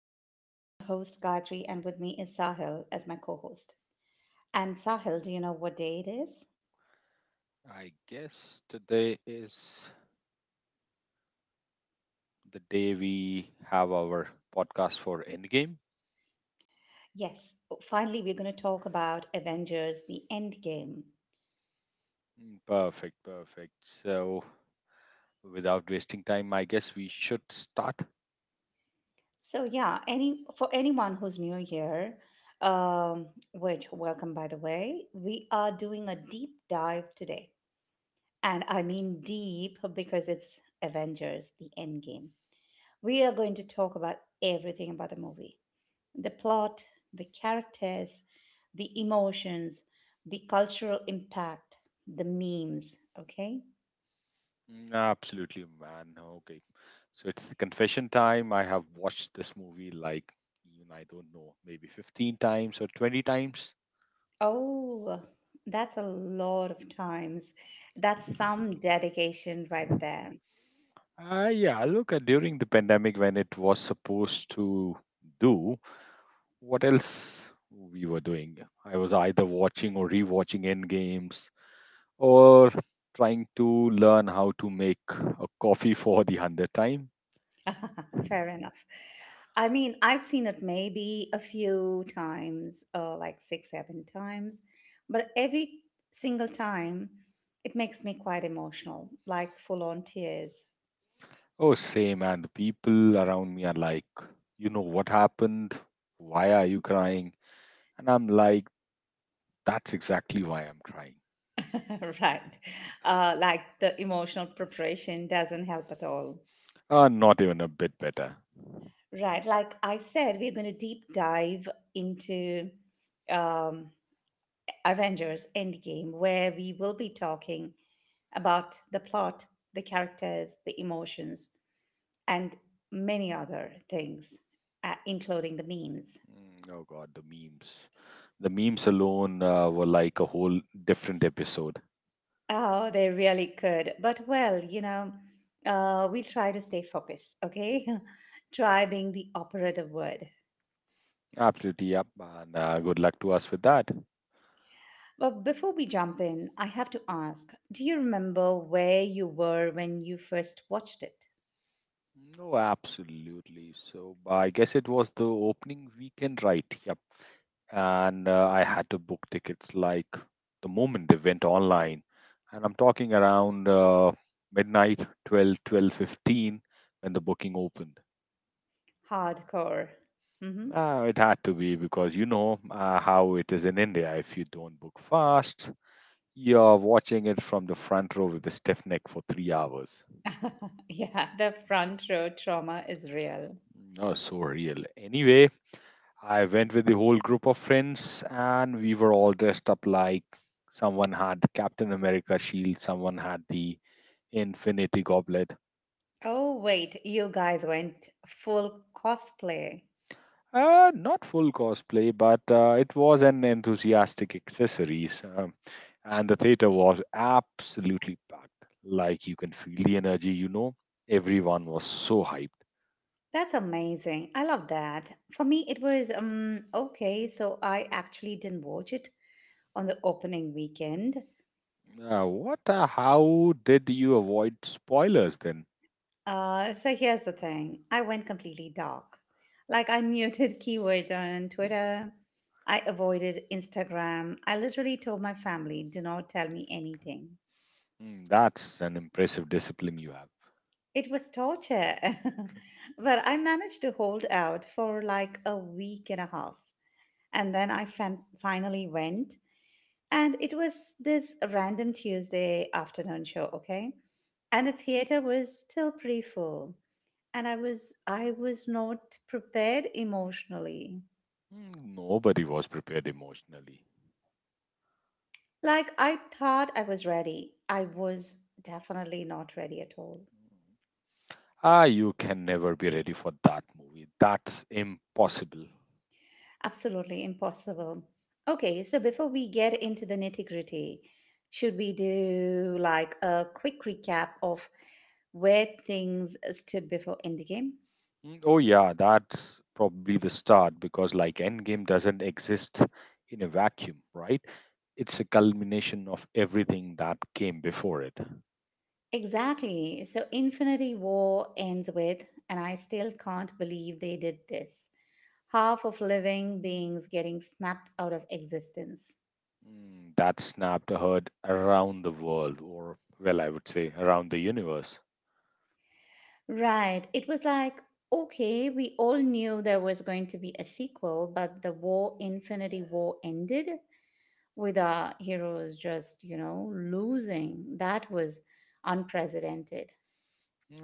I'm your host, Gayatri, and with me is Sahil as my co host. And Sahil, do you know what day it is? I guess today is the day we have our podcast for Endgame. Yes, finally, we're going to talk about Avengers the Endgame. Perfect, perfect. So, without wasting time, I guess we should start. So, yeah, any for anyone who's new here, um, which welcome by the way, we are doing a deep dive today. And I mean deep because it's Avengers the Endgame. We are going to talk about everything about the movie. The plot, the characters, the emotions, the cultural impact, the memes, okay? Mm, absolutely, man. Okay. So, it's the confession time. I have watched this movie like, even I don't know, maybe 15 times or 20 times. Oh, that's a lot of times. That's some dedication right there. Yeah, look, during the pandemic when it was supposed to do, what else we were doing? I was either watching or rewatching end games or trying to learn how to make a coffee for the 100th time. Fair enough. I mean, I've seen it maybe a few times, like six, seven times, but every single time it makes me quite emotional, like full on tears. Oh, same. And the people around me are like, you know what happened? Why are you crying? And I'm like, that's exactly why I'm crying. Right. Like the emotional preparation doesn't help at all. Not even a bit better. Right. Like I said, we're going to deep dive into um, Avengers Endgame, where we will be talking about the plot, the characters, the emotions, and many other things, including the memes. Oh, God, the memes. The memes alone were like a whole different episode. Oh, they really could. But well, we'll try to stay focused, okay? Try being the operative word. Absolutely, yep. And good luck to us with that. But before we jump in, I have to ask, do you remember where you were when you first watched it? No, absolutely. So I guess it was the opening weekend, right? Yep. And I had to book tickets like the moment they went online. And I'm talking around midnight, 12, 12:15 when the booking opened. Hardcore. Hmm. It had to be because you know how it is in India. If you don't book fast, you're watching it from the front row with a stiff neck for 3 hours. Yeah, the front row trauma is real. Oh, so real. Anyway, I went with the whole group of friends, and we were all dressed up like someone had Captain America shield, someone had the Infinity Goblet. Oh, wait, you guys went full cosplay. Not full cosplay, but it was an enthusiastic accessories, and the theater was absolutely packed. Like you can feel the energy, you know. Everyone was so hyped. That's amazing. I love that. For me, it was um, okay, so I actually didn't watch it on the opening weekend. What? How did you avoid spoilers then? So here's the thing, I went completely dark. Like, I muted keywords on Twitter, I avoided Instagram. I literally told my family, do not tell me anything. Hmm, that's an impressive discipline you have. It was torture. But I managed to hold out for like a week and a half. And then I finally went. And it was this random Tuesday afternoon show, okay? And the theater was still pretty full. And I was not prepared emotionally. Mm, nobody was prepared emotionally. Like I thought I was ready. I was definitely not ready at all. Mm. Ah, you can never be ready for that movie. That's impossible. Absolutely impossible. Okay, so before we get into the nitty-gritty, should we do like a quick recap of where things stood before Endgame? Oh, yeah, that's probably the start because, like, Endgame doesn't exist in a vacuum, right? It's a culmination of everything that came before it. Exactly. So Infinity War ends with, and I still can't believe they did this, half of living beings getting snapped out of existence. That snapped a herd around the world, or, well, I would say around the universe. Right. It was like, okay, we all knew there was going to be a sequel, but Infinity War, ended with our heroes just, losing. That was unprecedented.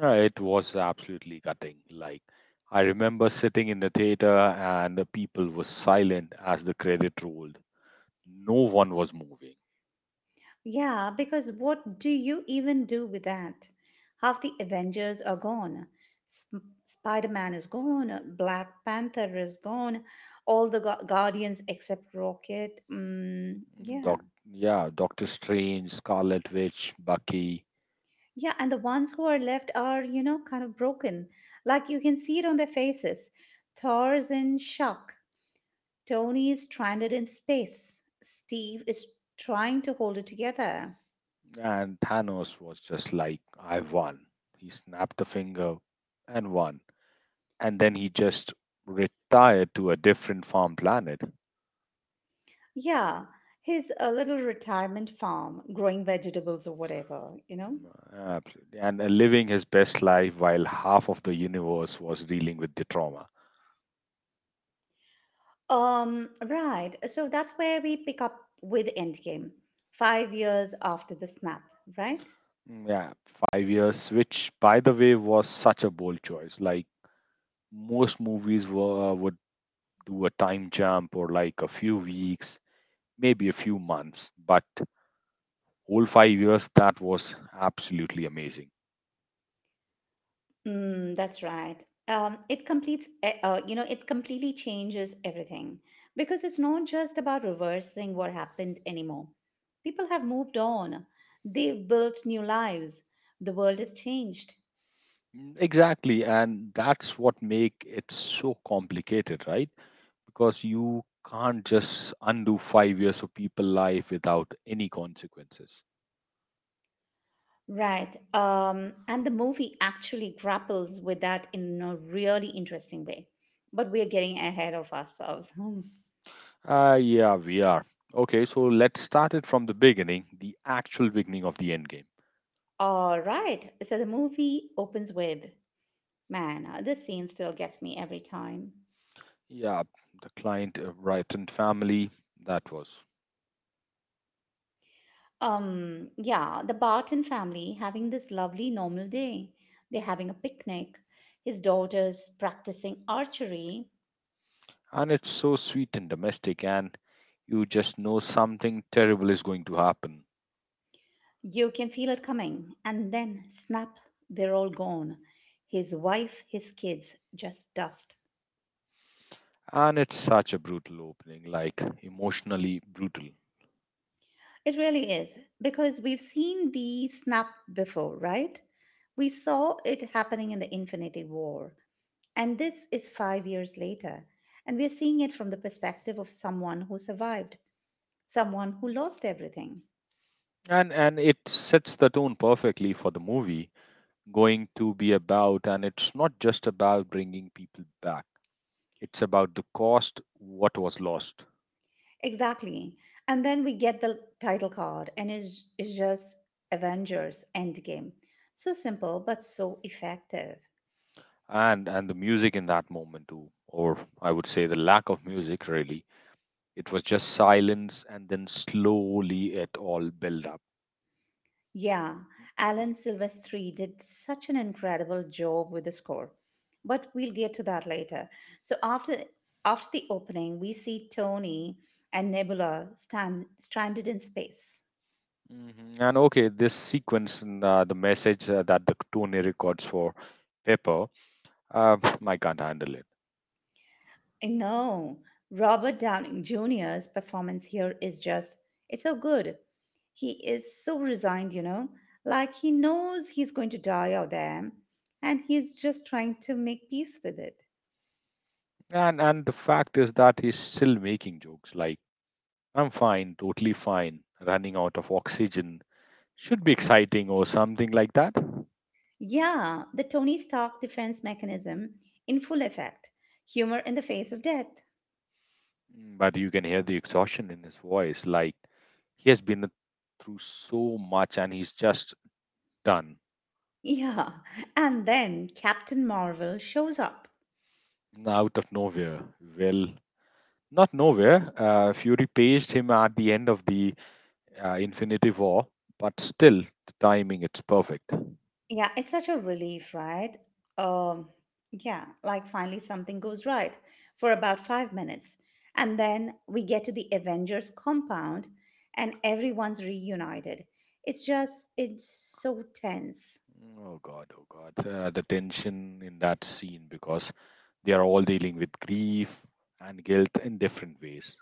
It was absolutely gutting. Like, I remember sitting in the theater and the people were silent as the credit rolled. No one was moving. Yeah, because what do you even do with that? Half the Avengers are gone. Spider Man is gone. Black Panther is gone. All the Guardians except Rocket. Mm, yeah. Doc, yeah, Doctor Strange, Scarlet Witch, Bucky, Yeah, and the ones who are left are, kind of broken. Like you can see it on their faces. Thor's in shock. Tony is stranded in space. Steve is trying to hold it together. and Thanos was just like, I won. He snapped a finger and won. And then he just retired to a different farm planet. Yeah, his a little retirement farm, growing vegetables or whatever, you know? Absolutely. And living his best life while half of the universe was dealing with the trauma. Right. So that's where we pick up with Endgame, 5 years after the snap, right? Yeah, 5 years, which by the way was such a bold choice. Like most movies were, would do a time jump or like a few weeks, maybe a few months, but whole 5 years, that was absolutely amazing. Mm, that's right. It completes, e- you know, it completely changes everything because it's not just about reversing what happened anymore. People have moved on, they've built new lives, the world has changed. Exactly, and that's what make it so complicated, right? Because you can't just undo 5 years of people life without any consequences. Right. And the movie actually grapples with that in a really interesting way. But we are getting ahead of ourselves. Hmm. Yeah, we are. Okay, so let's start it from the beginning, the actual beginning of the end game. All right. So the movie opens with, man, this scene still gets me every time. Yeah, the client, Brighton family, that was. Yeah, the Barton family having this lovely normal day. They're having a picnic. His daughter's practicing archery. And it's so sweet and domestic, and you just know something terrible is going to happen. You can feel it coming, and then snap, they're all gone. His wife, his kids, just dust. And it's such a brutal opening, like emotionally brutal. It really is, because we've seen the snap before, right? We saw it happening in the Infinity War, and this is 5 years later, and we're seeing it from the perspective of someone who survived, someone who lost everything. And it sets the tone perfectly for the movie going to be about, and it's not just about bringing people back. It's about the cost, what was lost. Exactly. And then we get the title card, and it's just Avengers Endgame. So simple, but so effective. And the music in that moment too, or I would say the lack of music, really it was just silence and then slowly it all built up. Yeah, Alan Silvestri did such an incredible job with the score. But we'll get to that later. So after the opening, we see Tony and Nebula stand stranded in space. Mhm. And okay, this sequence and the message that the Tony records for Pepper, uh, I can't handle it. I know. Robert Downing Jr.'s performance here is just, it's so good. He is so resigned, you know, like he knows he's going to die out there and he's just trying to make peace with it. And the fact is that he's still making jokes like I'm fine, totally fine, running out of oxygen should be exciting or something like that. Yeah, the Tony Stark defense mechanism in full effect, humor in the face of death. Mm, but you can hear the exhaustion in his voice. Like he has been through so much and he's just done. Yeah, and then Captain Marvel shows up. Out of nowhere. Well, not nowhere. Fury paged him at the end of the Infinity War, but still, the timing it's perfect. Yeah, it's such a relief, right? Um, yeah, like finally something goes right for about 5 minutes. And then we get to the Avengers compound and everyone's reunited. It's, just, it's so tense. Oh God, oh God. The tension in that scene because they are all dealing with grief and guilt in different ways.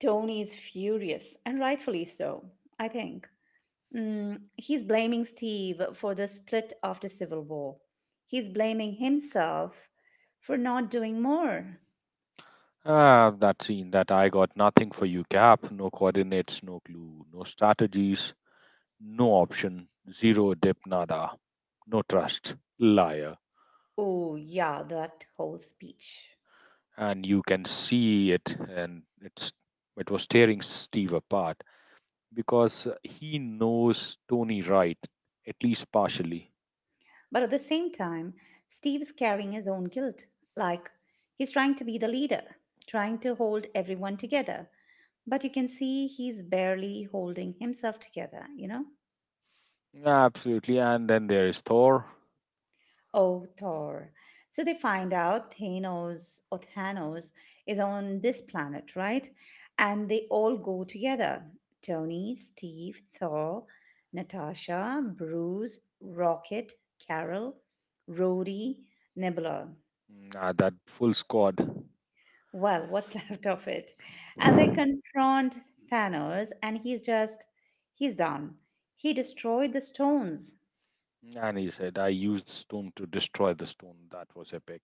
Tony is furious, and rightfully so, I think. Mm, he's blaming Steve for the split after Civil War. He's blaming himself for not doing more. Ah, that scene that I got nothing for you gap, no coordinates, no clue, no strategies, no option, zero dip nada, no trust, liar. Oh, yeah, that whole speech. And you can see it and it's it was tearing Steve apart because he knows Tony right, at least partially. But at the same time, Steve is carrying his own guilt. Like, he's trying to be the leader, trying to hold everyone together. But you can see he's barely holding himself together, you know? Absolutely. And then there is Thor. Oh, Thor. So they find out Thanos is on this planet, right? And they all go together, Tony, Steve, Thor, Natasha, Bruce, Rocket, Carol, Rhodey, Nebula. Ah, that full squad. Well, what's left of it? And they confront Thanos, and he's just, he's done. He destroyed the stones. And he said, I used stone to destroy the stone. That was epic.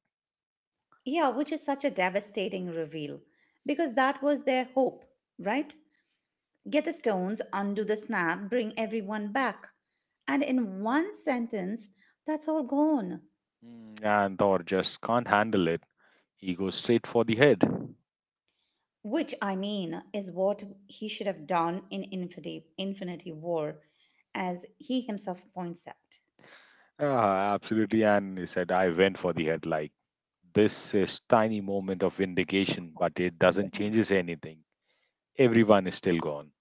Yeah, which is such a devastating reveal because that was their hope, right? Get the stones, undo the snap, bring everyone back. And in one sentence, that's all gone. And Thor just can't handle it, he goes straight for the head. Which I mean is what he should have done in Infinity War, as he himself points out. Ah, absolutely. And he said, I went for the head. Like, this is tiny moment of vindication, but it doesn't changes anything. Everyone is still gone.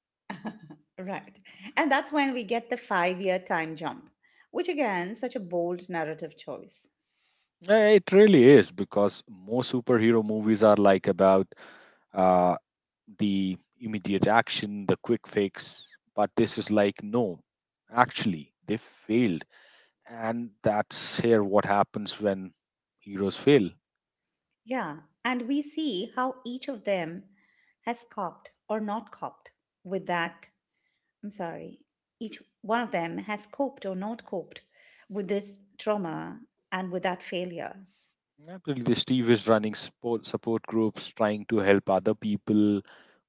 Right. And that's when we get the 5 year time jump, which again, such a bold narrative choice. It really is because most superhero movies are like about uh, the immediate action, the quick fix. But this is like, no, actually, they failed. And that's here what happens when heroes fail. Yeah. And we see how each of them has coped or not coped with that. I'm sorry. Each one of them has coped or not coped with this trauma and with that failure. Absolutely. Steve is running support groups, trying to help other people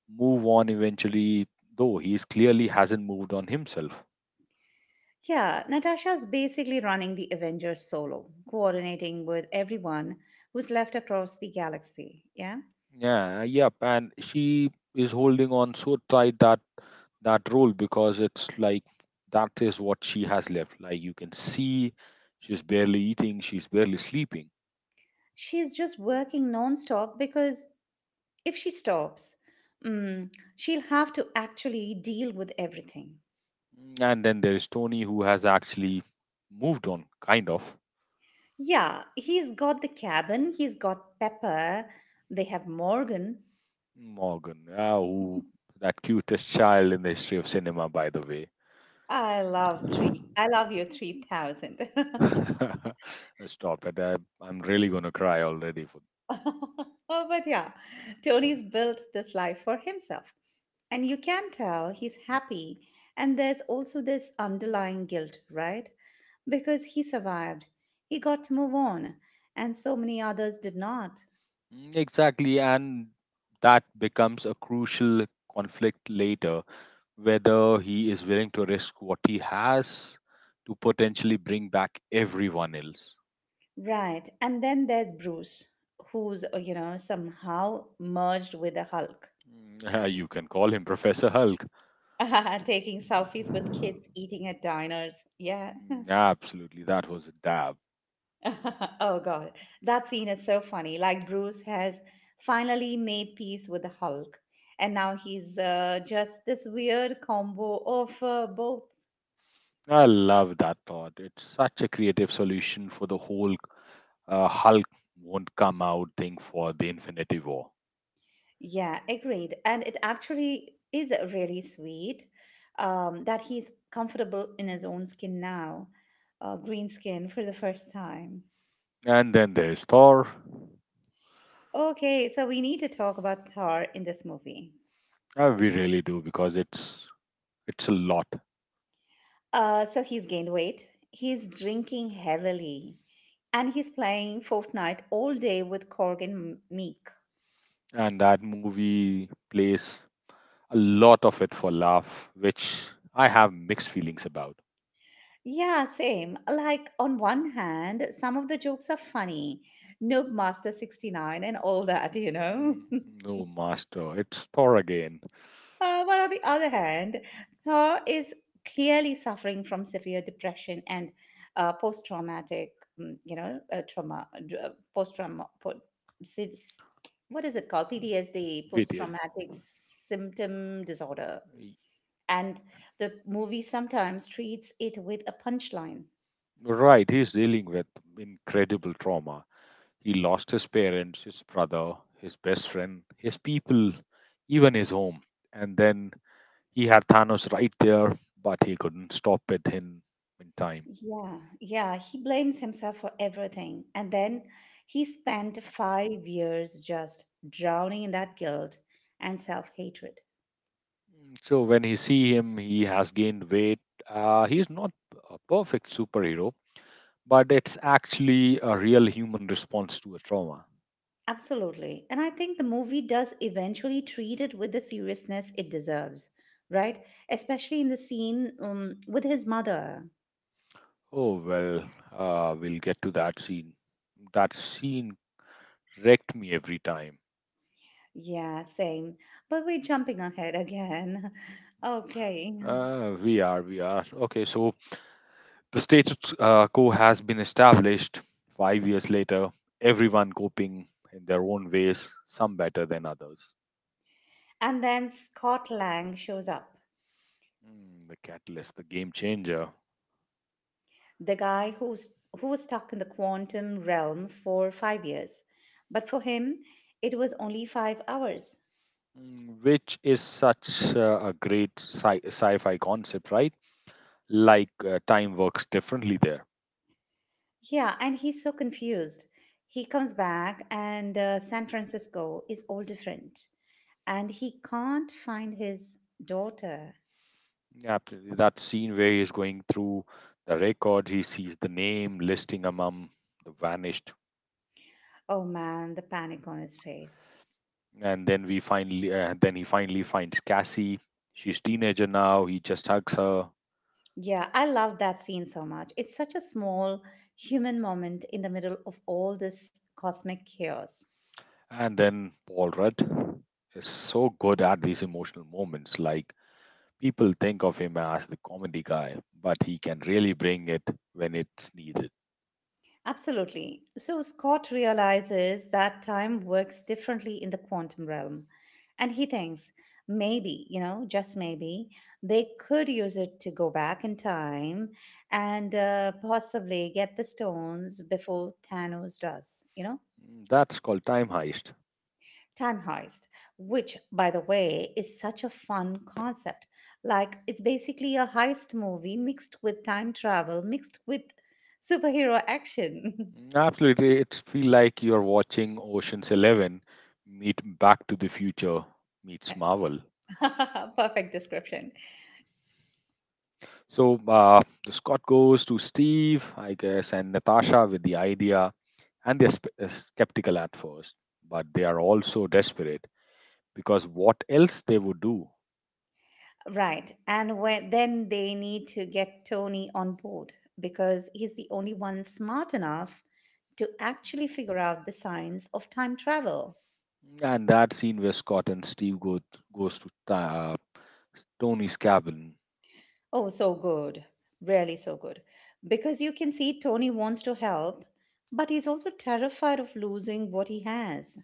move on eventually, though he is clearly hasn't moved on himself. Yeah, Natasha's basically running the Avengers solo, coordinating with everyone who's left across the galaxy. Yeah. Yeah, yep. And she is holding on so tight that role because it's like that is what she has left. Like you can see she's barely eating, she's barely sleeping. She's just working nonstop because if she stops, she'll have to actually deal with everything. And then there is Tony who has actually moved on, kind of. Yeah, he's got the cabin, he's got Pepper, they have Morgan. Morgan, yeah, who that cutest child in the history of cinema, by the way. I love three. I love you 3000. Stop it. I'm really going to cry already. For, Oh, but yeah, Tony's built this life for himself. And you can tell he's happy. And there's also this underlying guilt, right? Because he survived, he got to move on, and so many others did not. Exactly. And that becomes a crucial conflict later whether he is willing to risk what he has to potentially bring back everyone else. Right. And then there's Bruce, who's, you know, somehow merged with the Hulk, Mm, You can call him Professor Hulk. taking selfies with kids eating at diners. Yeah. Absolutely. That was a dab. Oh, God. That scene is so funny. Like, Bruce has finally made peace with the Hulk. And now he's just this weird combo of both. I love that thought. It's such a creative solution for the whole Hulk won't come out thing for the Infinity War. Yeah, agreed. And it actually is really sweet, that he's comfortable in his own skin now, green skin for the first time. And then there's Thor. Okay, so we need to talk about Thor in this movie. We really do because it's a lot, So he's gained weight, he's drinking heavily, and he's playing Fortnite all day with Korg and Meek. and that movie plays a lot of it for laugh, which I have mixed feelings about. Yeah, same. Like, on one hand, some of the jokes are funny. Noob Master 69 and all that, you know? Mm, No master, it's Thor again. But on the other hand, Thor is clearly suffering from severe depression and post-traumatic, mm, you know, trauma, post-trauma, po- sis- what is it called? PTSD, But, post-traumatic symptom disorder. y- And the movie sometimes treats it with a punchline. right, he's dealing with incredible trauma. He lost his parents, his brother, his best friend, his people, even his home, and then he had Thanos right there, but he couldn't stop it in time. Yeah, he blames himself for everything. And then he spent 5 years just drowning in that guilt and self-hatred. So when he see him, he has gained weight. He is not a perfect superhero, but it's actually a real human response to a trauma. Absolutely. And I think the movie does eventually treat it with the seriousness it deserves, right? Especially in the scene, with his mother. Oh well, we'll get to that scene. That scene wrecked me every time. Yeah, same. But we're jumping ahead again. Okay. We are, we are. Okay, so the status quo has been established. 5 years later, everyone coping in their own ways, some better than others. And then Scott Lang shows up. Mm, the catalyst, the game changer. The guy who was stuck in the quantum realm for 5 years. But for him, it was only 5 hours. Mm, which is such a great sci-fi concept, right? Like time works differently there. Yeah, and he's so confused. He comes back, and San Francisco is all different. And he can't find his daughter. Yeah, absolutely. That scene where he's going through the record, he sees the name listing among the vanished, Oh man, the panic on his face. and then he finally finds Cassie. She's teenager now. He just hugs her, Yeah, I love that scene so much. It's such a small human moment in the middle of all this cosmic chaos. and then Paul Rudd is so good at these emotional moments. Like people think of him as the comedy guy, but he can really bring it when it's needed. Absolutely. So Scott realizes that time works differently in the quantum realm. And he thinks maybe, you know, just maybe, they could use it to go back in time and possibly get the stones before Thanos does, you know? Mm, that's called Time Heist. Time heist, which, by the way, is such a fun concept. Like, it's basically a heist movie mixed with time travel, mixed with superhero action. Mm, absolutely, it's feel like you're watching Ocean's 11 meet Back to the Future meets Marvel. Perfect description. So the Scott goes to Steve, I guess, and Natasha with the idea, and they're skeptical at first, but they are also desperate because what else they would do? Right. And when, then they need to get Tony on board because he's the only one smart enough to actually figure out the science of time travel. And that scene where Scott and Steve go goes to uh, Tony's cabin. Oh, so good. Really so good. Because you can see Tony wants to help, but he's also terrified of losing what he has.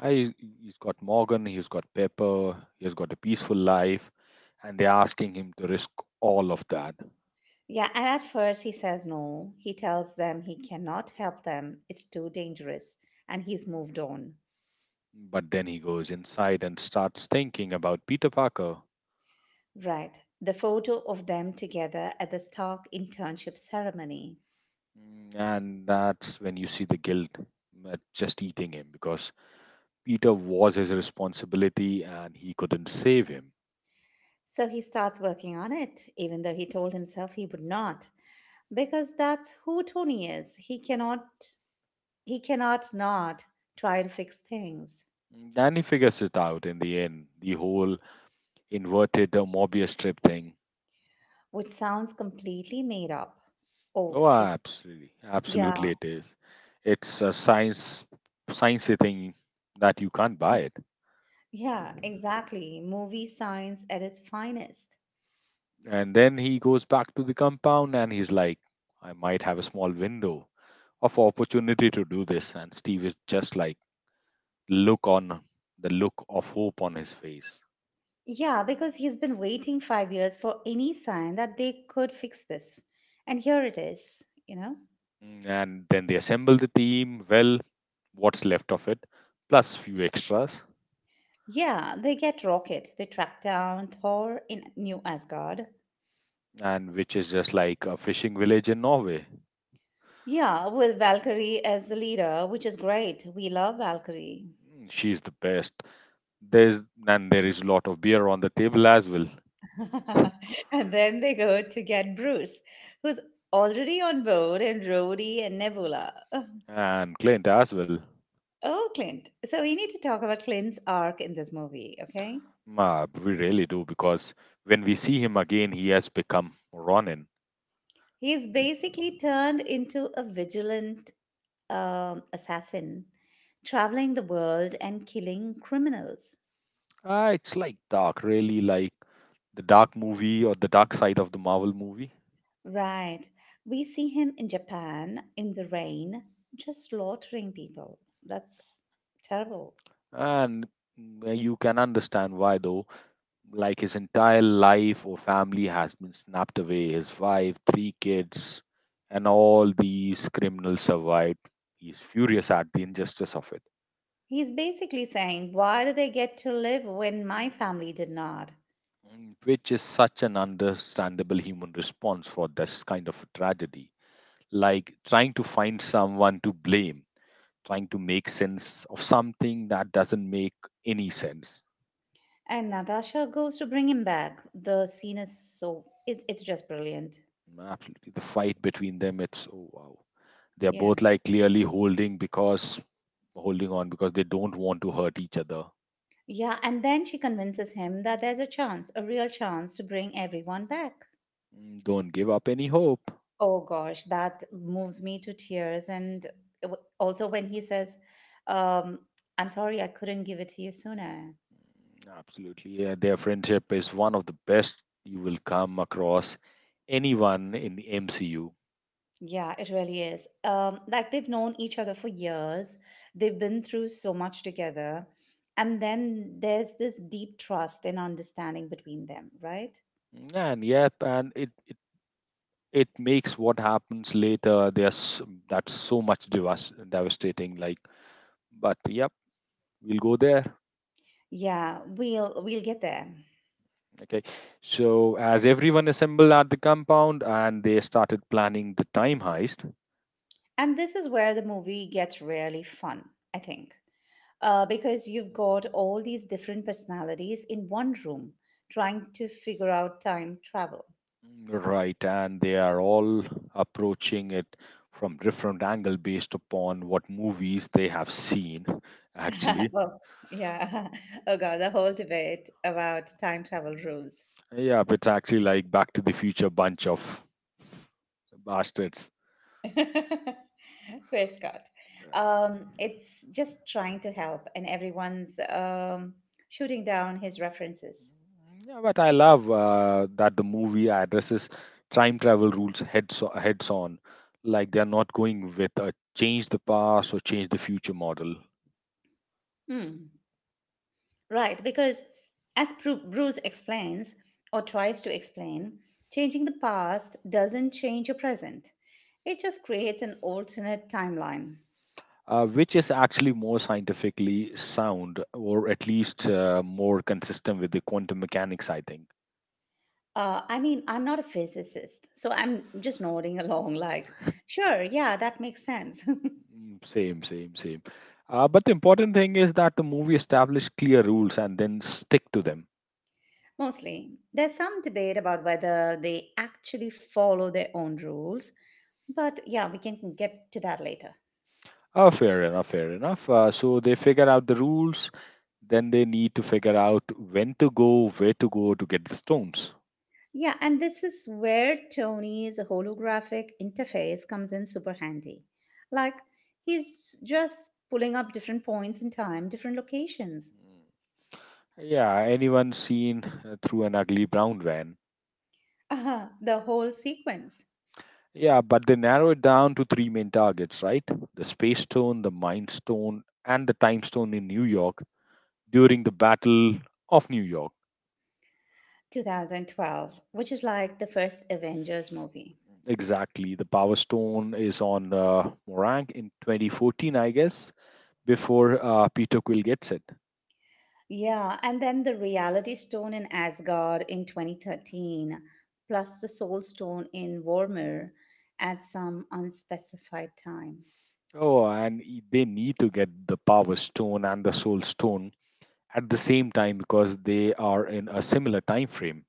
I, he's got Morgan, he's got Pepper, he's got a peaceful life, and they're asking him to risk all of that. Yeah, and at first he says no. He tells them he cannot help them, it's too dangerous, and he's moved on. But then he goes inside and starts thinking about Peter Parker. Right. The photo of them together at the Stark internship ceremony. And that's when you see the guilt just eating him because Peter was his responsibility and he couldn't save him. So he starts working on it, even though he told himself he would not, because that's who Tony is. He cannot not try to fix things, And he figures it out in the end the whole inverted Morbius strip thing. which sounds completely made up. Oh, Oh, it's absolutely, absolutely, yeah. it is. It's a sciencey thing that you can't buy it. Yeah, exactly. Movie science at its finest. And then he goes back to the compound and he's like, "I might have a small window of opportunity to do this." And Steve is just like, look on the look of hope on his face. Yeah, because he's been waiting 5 years for any sign that they could fix this. And here it is, you know? And then they assemble the team. Well, what's left of it, plus few extras, Yeah, they get Rocket. They track down Thor in New Asgard. and which is just like a fishing village in Norway. Yeah, with Valkyrie as the leader, which is great. We love Valkyrie. Mm, she's the best. There's And there is a lot of beer on the table as well, And then they go to get Bruce, who's already on board, and Rhodey and Nebula. and Clint as well. Oh, Clint. So we need to talk about Clint's arc in this movie, okay? We really do because when we see him again, he has become Ronin. He's basically turned into a vigilant assassin, traveling the world and killing criminals. Ah, it's like dark, really like the dark movie or the dark side of the Marvel movie. Right. We see him in Japan in the rain, just slaughtering people. That's terrible. And you can understand why, though. Like his entire life or family has been snapped away. His wife, three kids, and all these criminals survived. He's furious at the injustice of it. He's basically saying, "Why do they get to live when my family did not?" Which is such an understandable human response for this kind of a tragedy. Like trying to find someone to blame, trying to make sense of something that doesn't make any sense. And Natasha goes to bring him back. The scene is so, it's just brilliant. Mm, absolutely. The fight between them, it's oh wow. They're Yeah. both like clearly holding because holding on because they don't want to hurt each other. Yeah. And then she convinces him that there's a chance, a real chance to bring everyone back. Don't give up any hope. Oh gosh, that moves me to tears. And also when he says, um, I'm sorry, I couldn't give it to you sooner. Absolutely. Yeah, their friendship is one of the best you will come across anyone in the MCU. Yeah, it really is. Like they've known each other for years, they've been through so much together. And then there's this deep trust and understanding between them, right? And yep, and it makes what happens later. There's that's so much devastating. Like, but yep, we'll go there. Yeah, we'll get there. Okay. So as everyone assembled at the compound and they started planning the time heist, And this is where the movie gets really fun, I think, because you've got all these different personalities in one room trying to figure out time travel. right? And they are all approaching it from different angle based upon what movies they have seen. Actually, Oh, yeah. Oh, God, the whole debate about time travel rules. yeah, it's actually like Back to the Future bunch of bastards. Fair Scott. It's just trying to help, and everyone's shooting down his references. Yeah, but I love that the movie addresses time travel rules heads on, like they are not going with a change the past or change the future model, Hmm. Right, because as Bruce explains, or tries to explain, changing the past doesn't change your present. It just creates an alternate timeline. Which is actually more scientifically sound or at least more consistent with the quantum mechanics. I think. I mean, I'm not a physicist, so I'm just nodding along, like, sure, yeah, that makes sense. Mm, same, same, same. But the important thing is that the movie established clear rules and then stick to them. Mostly. There's some debate about whether they actually follow their own rules, but yeah, we can get to that later. Fair enough, fair enough. So they figure out the rules, then they need to figure out when to go, where to go to get the stones. Yeah, and this is where Tony's holographic interface comes in super handy. Like, he's just pulling up different points in time, different locations. Mm. Yeah, anyone seen through an ugly brown van. The whole sequence. Yeah, but they narrow it down to three main targets, right? The Space Stone, the Mind Stone, and the Time Stone in New York during the Battle of New York. 2012, which is like the first Avengers movie. Exactly. The Power Stone is on Morang in 2014, I guess, before Peter Quill gets it. Yeah, and then the Reality Stone in Asgard in 2013, plus the Soul Stone in Vormir at some unspecified time. Oh, and they need to get the Power Stone and the Soul Stone at the same time because they are in a similar time frame.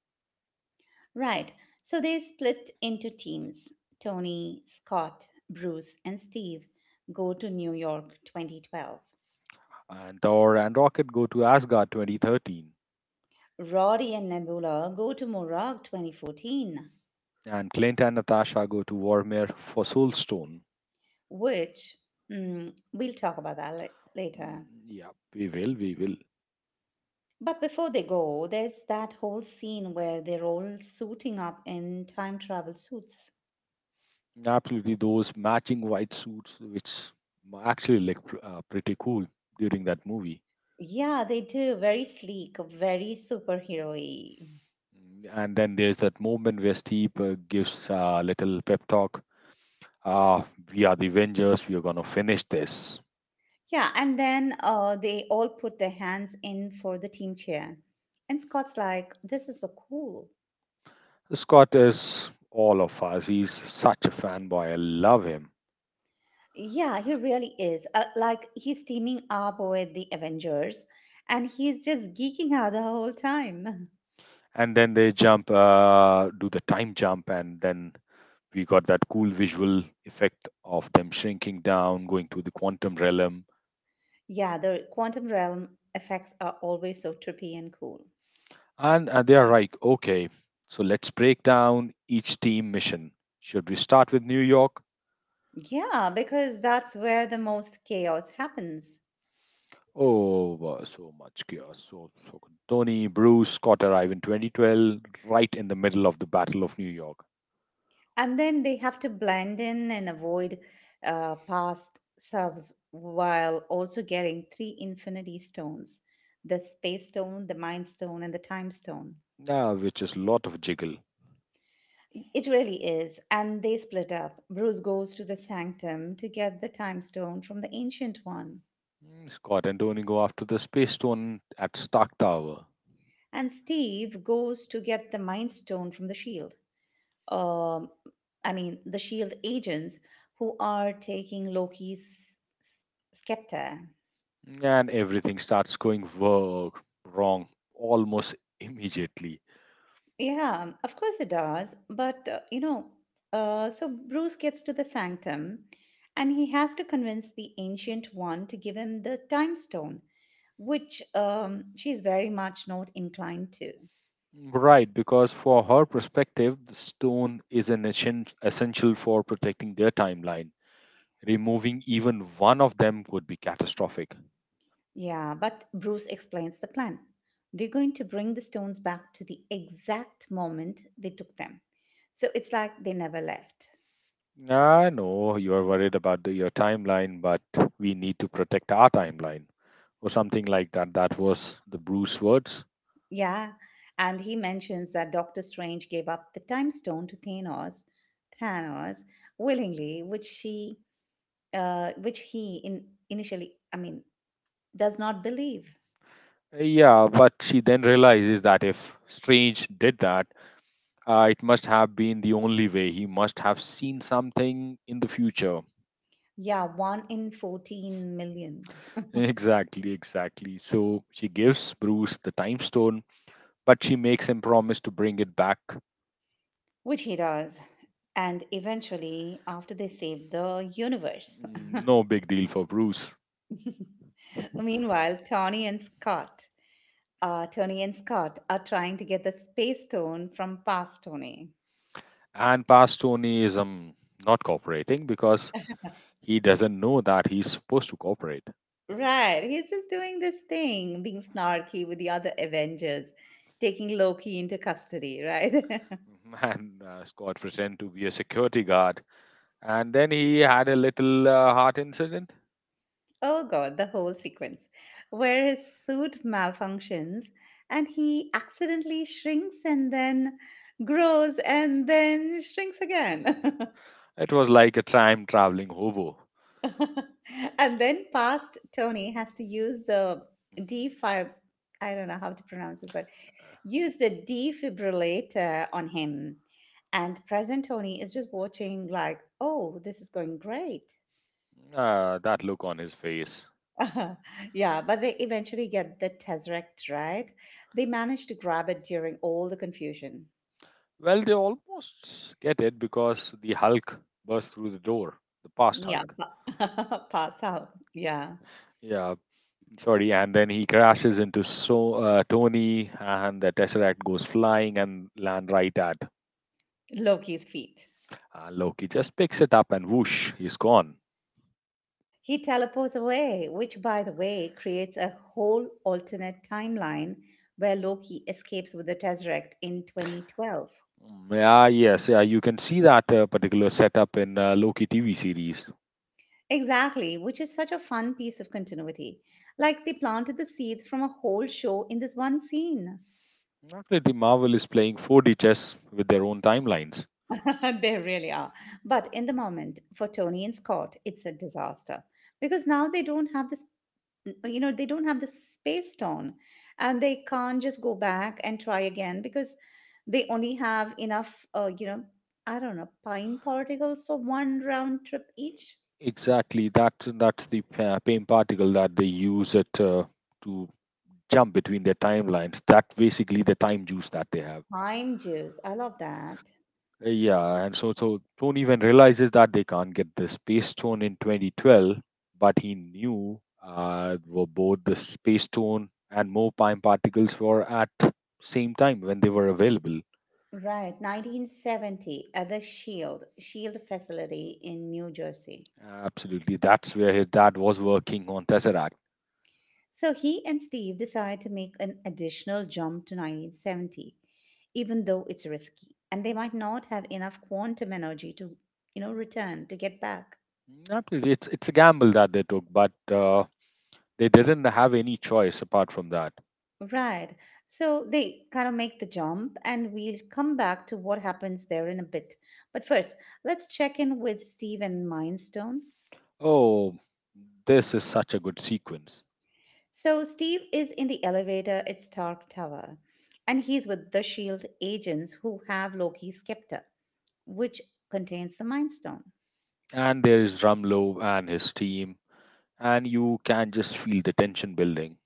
Right. So they split into teams. Tony, Scott, Bruce, and Steve go to New York 2012. And Thor and Rocket go to Asgard 2013, Rory and Nebula go to Morag 2014, and Clint and Natasha go to Warmere for Soulstone. which we'll talk about that Mm, later. Yeah, we will, we will. But before they go, there's that whole scene where they're all suiting up in time travel suits. Absolutely, those matching white suits, which actually look pretty cool during that movie. Yeah, they do. Very sleek, very superhero y. And then there's that moment where Steve gives a little pep talk. Ah, we are the Avengers. We are gonna finish this. Yeah, and then they all put their hands in for the team chair. And Scott's like, "This is so cool." Scott is all of us. He's such a fanboy. I love him. Yeah, he really is. Like, he's teaming up with the Avengers and he's just geeking out the whole time. And then they jump, do the time jump, and then we got that cool visual effect of them shrinking down, going to the quantum realm. Yeah, the quantum realm effects are always so trippy and cool. And they are like, okay, so let's break down each team mission. Should we start with New York? Yeah, because that's where the most chaos happens. Oh, wow, so much chaos. So Tony, Bruce, Scott arrive in 2012, right in the middle of the Battle of New York. And then they have to blend in and avoid past selves while also getting three infinity stones, the space stone, the mind stone, and the time stone. Yeah, which is a lot of jiggle. It really is. And they split up. Bruce goes to the sanctum to get the time stone from the ancient one, Scott and Tony go after the space stone at Stark Tower, and Steve goes to get the mind stone from the shield. Um, I mean, the shield agents who are taking Loki's s- scepter. and everything starts going wrong almost immediately. Yeah, of course it does. But, you know, so Bruce gets to the sanctum and he has to convince the ancient one to give him the time stone, which she's very much not inclined to. Right, because for her perspective, the stone is an essential for protecting their timeline. Removing even one of them would be catastrophic. Yeah, but Bruce explains the plan. They're going to bring the stones back to the exact moment they took them. So it's like they never left. I know you're worried about the, your timeline, but we need to protect our timeline, or something like that. That was the Bruce words. Yeah, and he mentions that Doctor Strange gave up the time stone to Thanos, Thanos willingly, which he, initially, I mean, does not believe. Yeah, but she then realizes that if Strange did that, it must have been the only way. He must have seen something in the future. Yeah, one in 14 million, Exactly, exactly. So she gives Bruce the time stone, but she makes him promise to bring it back. which he does, and eventually, after they save the universe. No big deal for Bruce. Meanwhile, Tony and Scott are trying to get the space stone from past Tony. And past Tony is not cooperating because he doesn't know that he's supposed to cooperate. Right. He's just doing this thing, being snarky with the other Avengers, taking Loki into custody, right? And Scott pretend to be a security guard, and then he had a little heart incident. Oh, God, the whole sequence where his suit malfunctions and he accidentally shrinks and then grows and then shrinks again. It was like a time traveling hobo. And then past Tony has to use the D5, I don't know how to pronounce this, but use the defibrillator on him. And present Tony is just watching, like, "Oh, this is going great." Ah, that look on his face. Yeah, but they eventually get the Tesseract, right? They manage to grab it during all the confusion. Well, they almost get it because the Hulk burst through the door, the past Yeah, Hulk. Pass out. Yeah, Yeah, sorry. And then he crashes into Tony, and the Tesseract goes flying and land right at. Loki's feet. Loki just picks it up and whoosh, he's gone. He teleports away, which, by the way, creates a whole alternate timeline where Loki escapes with the Tesseract in 2012. Mm, yeah, yes, yeah. You can see that particular setup in Loki TV series. Exactly, which is such a fun piece of continuity. Like they planted the seeds from a whole show in this one scene. Actually, the Marvel is playing 4D chess with their own timelines. They really are. But in the moment, for Tony and Scott, it's a disaster because now they don't have this, you know, they don't have the space stone and they can't just go back and try again because they only have enough, you know, I don't know, pine particles for one round trip each. Exactly. That's the pain particle that they use it to jump between their timelines. That basically the time juice that they have. Time juice. I love that. Yeah, and so Tony even realizes that they can't get the space stone in 2012, but he knew were both the space stone and more time particles were at same time when they were available. Right, 1970 at the Shield facility in New Jersey. Absolutely, that's where his dad was working on Tesseract. So he and Steve decide to make an additional jump to 1970, even though it's risky, and they might not have enough quantum energy to, you know, return to get back. Absolutely, it's a gamble that they took, but. They didn't have any choice apart from that. Right. So they kind of make the jump, and we'll come back to what happens there in a bit. But first, let's check in with Steve and Mindstone. Oh, this is such a good sequence. So Steve is in the elevator at Stark Tower, and he's with the Shield agents who have Loki's scepter, which contains the Mind Stone. And there is Rumlow and his team, and you can just feel the tension building.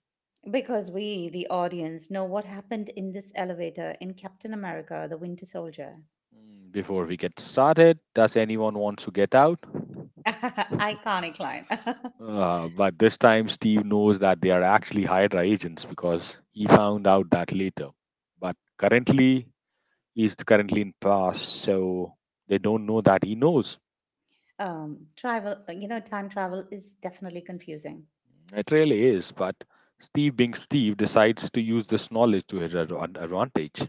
Because we, the audience, know what happened in this elevator in Captain America: The Winter Soldier. Before we get started, does anyone want to get out? Iconic line. But this time, Steve knows that they are actually Hydra agents because he found out that later. But currently, he's currently in past, so they don't know that he knows. Time travel is definitely confusing. It really is, but Steve being Steve decides to use this knowledge to his advantage.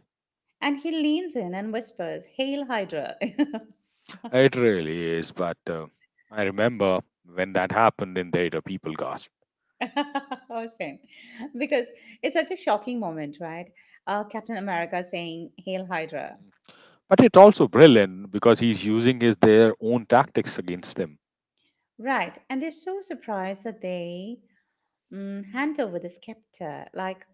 And he leans in and whispers, "Hail Hydra!" It really is, but I remember when that happened in data, people gasped. Oh, same. Because it's such a shocking moment, right? Captain America saying, "Hail Hydra." But it's also brilliant because he's using his their own tactics against them. Right. And they're so surprised that they hand over the scepter, like,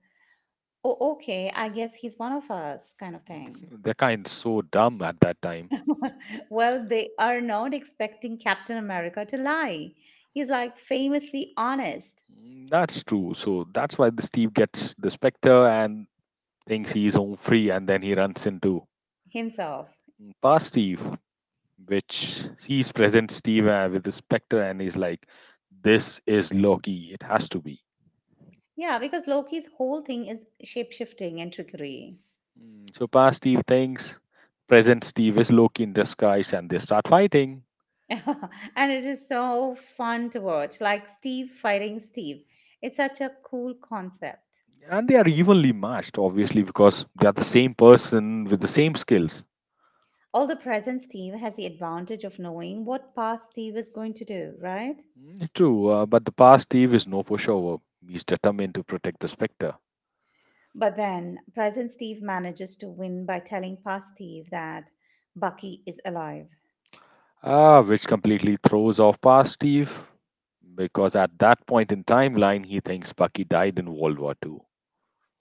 "Oh, okay, I guess he's one of us," kind of thing. They're kind so dumb at that time. Well, they are not expecting Captain America to lie. He's like famously honest Mm, that's true. So that's why the Steve gets the Spectre and thinks he's home free, and then he runs into himself. past Steve, which sees present Steve with the Spectre and is like, this is Loki. It has to be. Yeah, because Loki's whole thing is shapeshifting and trickery. So past Steve thinks present Steve is Loki in disguise and they start fighting. And it is so fun to watch, like Steve fighting Steve. It's such a cool concept. And they are evenly matched, obviously, because they are the same person with the same skills. All the present Steve has the advantage of knowing what past Steve is going to do, right? Mm, true, but the past Steve is no pushover. He's determined to protect the Spectre, But then present Steve manages to win by telling past Steve that Bucky is alive. Which completely throws off past Steve because at that point in timeline, he thinks Bucky died in World War II.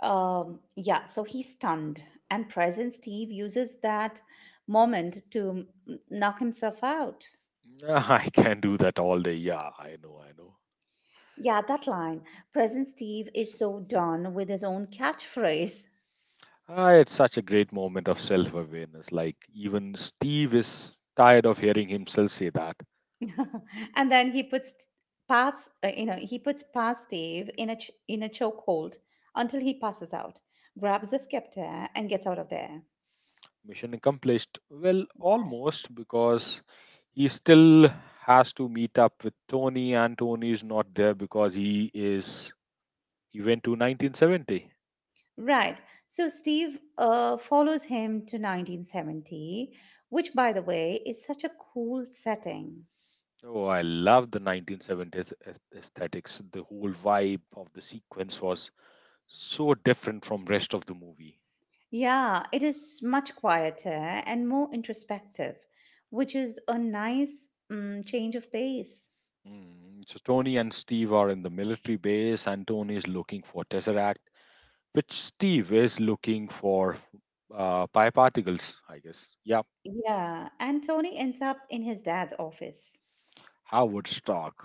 Yeah, so he's stunned, and present Steve uses that moment to knock himself out. I can do that all day. Yeah, I know, I know. Yeah, that line. Present Steve is so done with his own catchphrase. Ah, it's such a great moment of self awareness. Like, even Steve is tired of hearing himself say that. And then he puts he puts Pat Steve in a in a chokehold until he passes out, grabs the scepter, and gets out of there. Mission accomplished. Well, almost, because he still has to meet up with Tony, and Tony is not there because he is. He went to 1970. Right. So Steve follows him to 1970, which, by the way, is such a cool setting. Oh, I love the 1970s aesthetics. The whole vibe of the sequence was so different from rest of the movie. Yeah, it is much quieter and more introspective, which is a nice change of pace. So Tony and Steve are in the military base, and Tony is looking for Tesseract, which Steve is looking for pi particles, I guess. Yeah, Yeah, and Tony ends up in his dad's office, Howard Stark,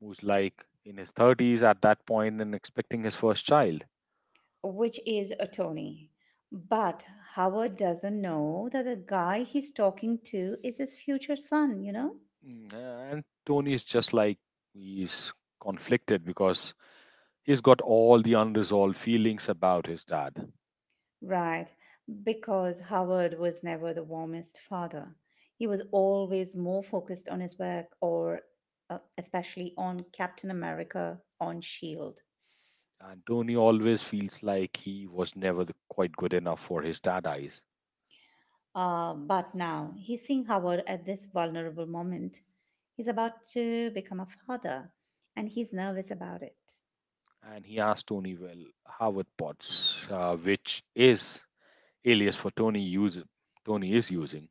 who's like in his 30s at that point and expecting his first child. which is a Tony. But Howard doesn't know that the guy he's talking to is his future son, you know? Mm, uh, And Tony is just like he's conflicted because he's got all the unresolved feelings about his dad. Right, because Howard was never the warmest father. He was always more focused on his work, or especially on Captain America on S.H.I.E.L.D. And Tony always feels like he was never the, quite good enough for his dad eyes. But now he's seeing Howard at this vulnerable moment. He's about to become a father and he's nervous about it. And he asks Tony, well, Howard Potts, which is alias for Tony use, Tony is using.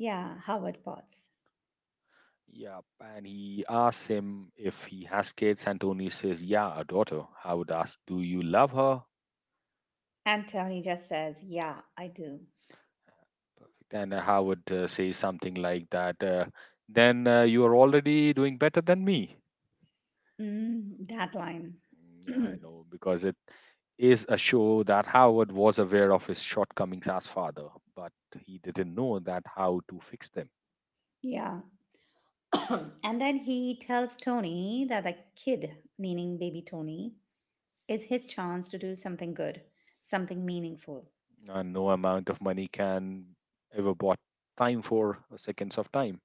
Yeah, Howard bots. Yeah, and he asks him if he has kids, and Tony says, yeah, a daughter. Howard asks, do you love her? And Tony just says, "Yeah, I do." Then Howard says something like that, then you are already doing better than me. Mm, that line. Yeah, I know, because it is a show that Howard was aware of his shortcomings as father, but he didn't know that how to fix them. Yeah. And then he tells Tony that the kid, meaning baby Tony, is his chance to do something good, something meaningful. And no amount of money can ever bought time for seconds of time.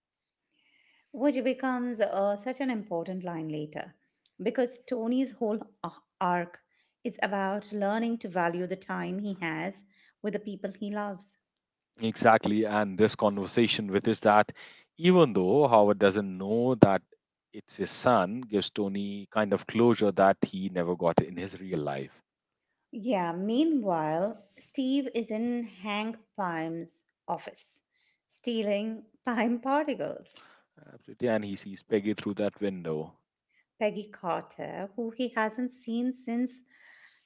Which becomes such an important line later because Tony's whole arc is about learning to value the time he has with the people he loves. Exactly, and this conversation with is that even though Howard doesn't know that it's his son, gives Tony kind of closure that he never got in his real life. Yeah, meanwhile, Steve is in Hank Pyme's office stealing Pyme particles. Absolutely, and he sees Peggy through that window. Peggy Carter, who he hasn't seen since,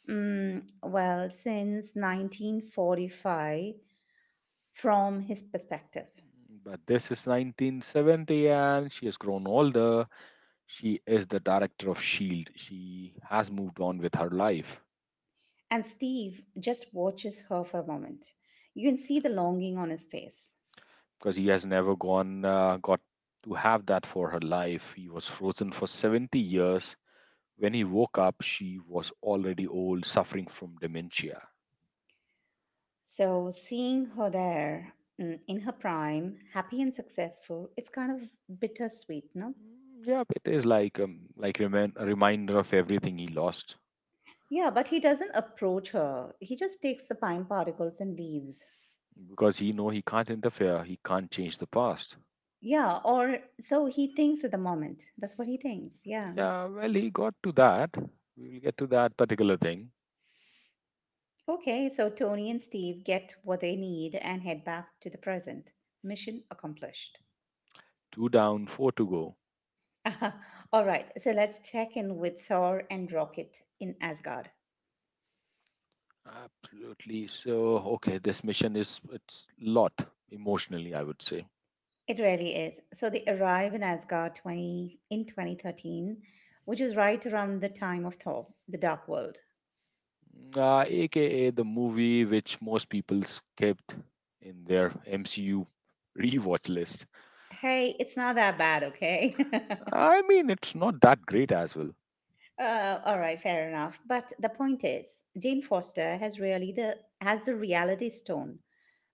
well, since 1945 from his perspective. But this is 1970 and she has grown older. She is the director of S.H.I.E.L.D. She has moved on with her life. And Steve just watches her for a moment. You can see the longing on his face. Because he has never gone got to have that for her life. He was frozen for 70 years. When he woke up, she was already old, suffering from dementia. So, seeing her there, in her prime, happy and successful, it's kind of bittersweet, no? Mm, yeah, it is like a reminder of everything he lost Yeah, but he doesn't approach her. He just takes the pine particles and leaves. because he know he can't interfere, he can't change the past. Yeah, or so he thinks at the moment. That's what he thinks. Yeah. Yeah, well, he got to that. We will get to that particular thing. Okay, so Tony and Steve get what they need and head back to the present. Mission accomplished. Two down, four to go. All right, so let's check in with Thor and Rocket in Asgard. Absolutely. So, okay, this mission is it's lot emotionally, I would say. It really is. So they arrive in Asgard 20 in 2013, which is right around the time of Thor, the Dark World. Aka the movie which most people skipped in their MCU rewatch list. Hey, it's not that bad, okay? I mean, it's not that great as well. All right, fair enough. But the point is, Jane Foster has the reality stone,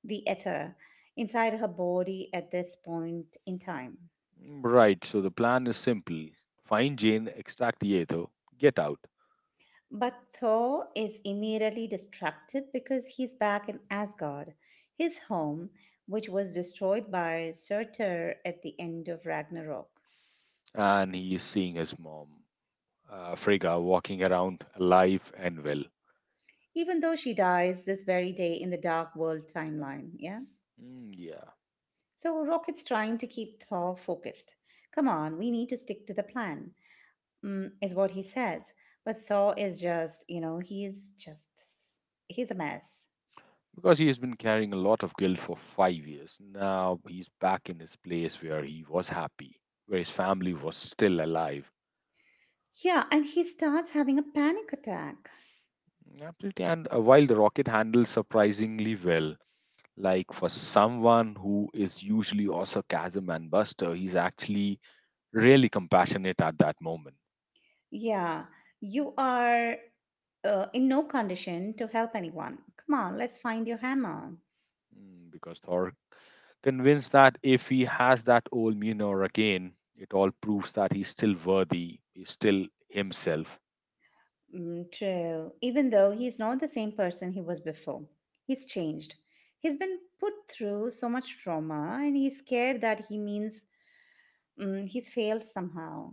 the ether, inside her body at this point in time. Mm, right, so the plan is simple find Jane, extract the ether, get out. But Thor is immediately distracted because he's back in Asgard, his home, which was destroyed by Surtur at the end of Ragnarok. And he is seeing his mom, Frigga, walking around alive and well. Even though she dies this very day in the Dark World timeline, yeah? Mm, yeah, So Rocket's trying to keep Thor focused. Come on, we need to stick to the plan, is what he says. But Thor is just, you know, he's a mess. because he has been carrying a lot of guilt for 5 years. Now he's back in his place where he was happy, where his family was still alive. Yeah, and he starts having a panic attack. Absolutely. And while the rocket handles surprisingly well, like for someone who is usually a sarcasm and buster, he's actually really compassionate at that moment. Yeah, you are in no condition to help anyone. Come on, let's find your hammer. Because Thor convinced that if he has that old Mjolnir again, it all proves that he's still worthy, he's still himself. Mm, true. Even though he's not the same person he was before, he's changed. He's been put through so much trauma and he's scared that he's failed somehow.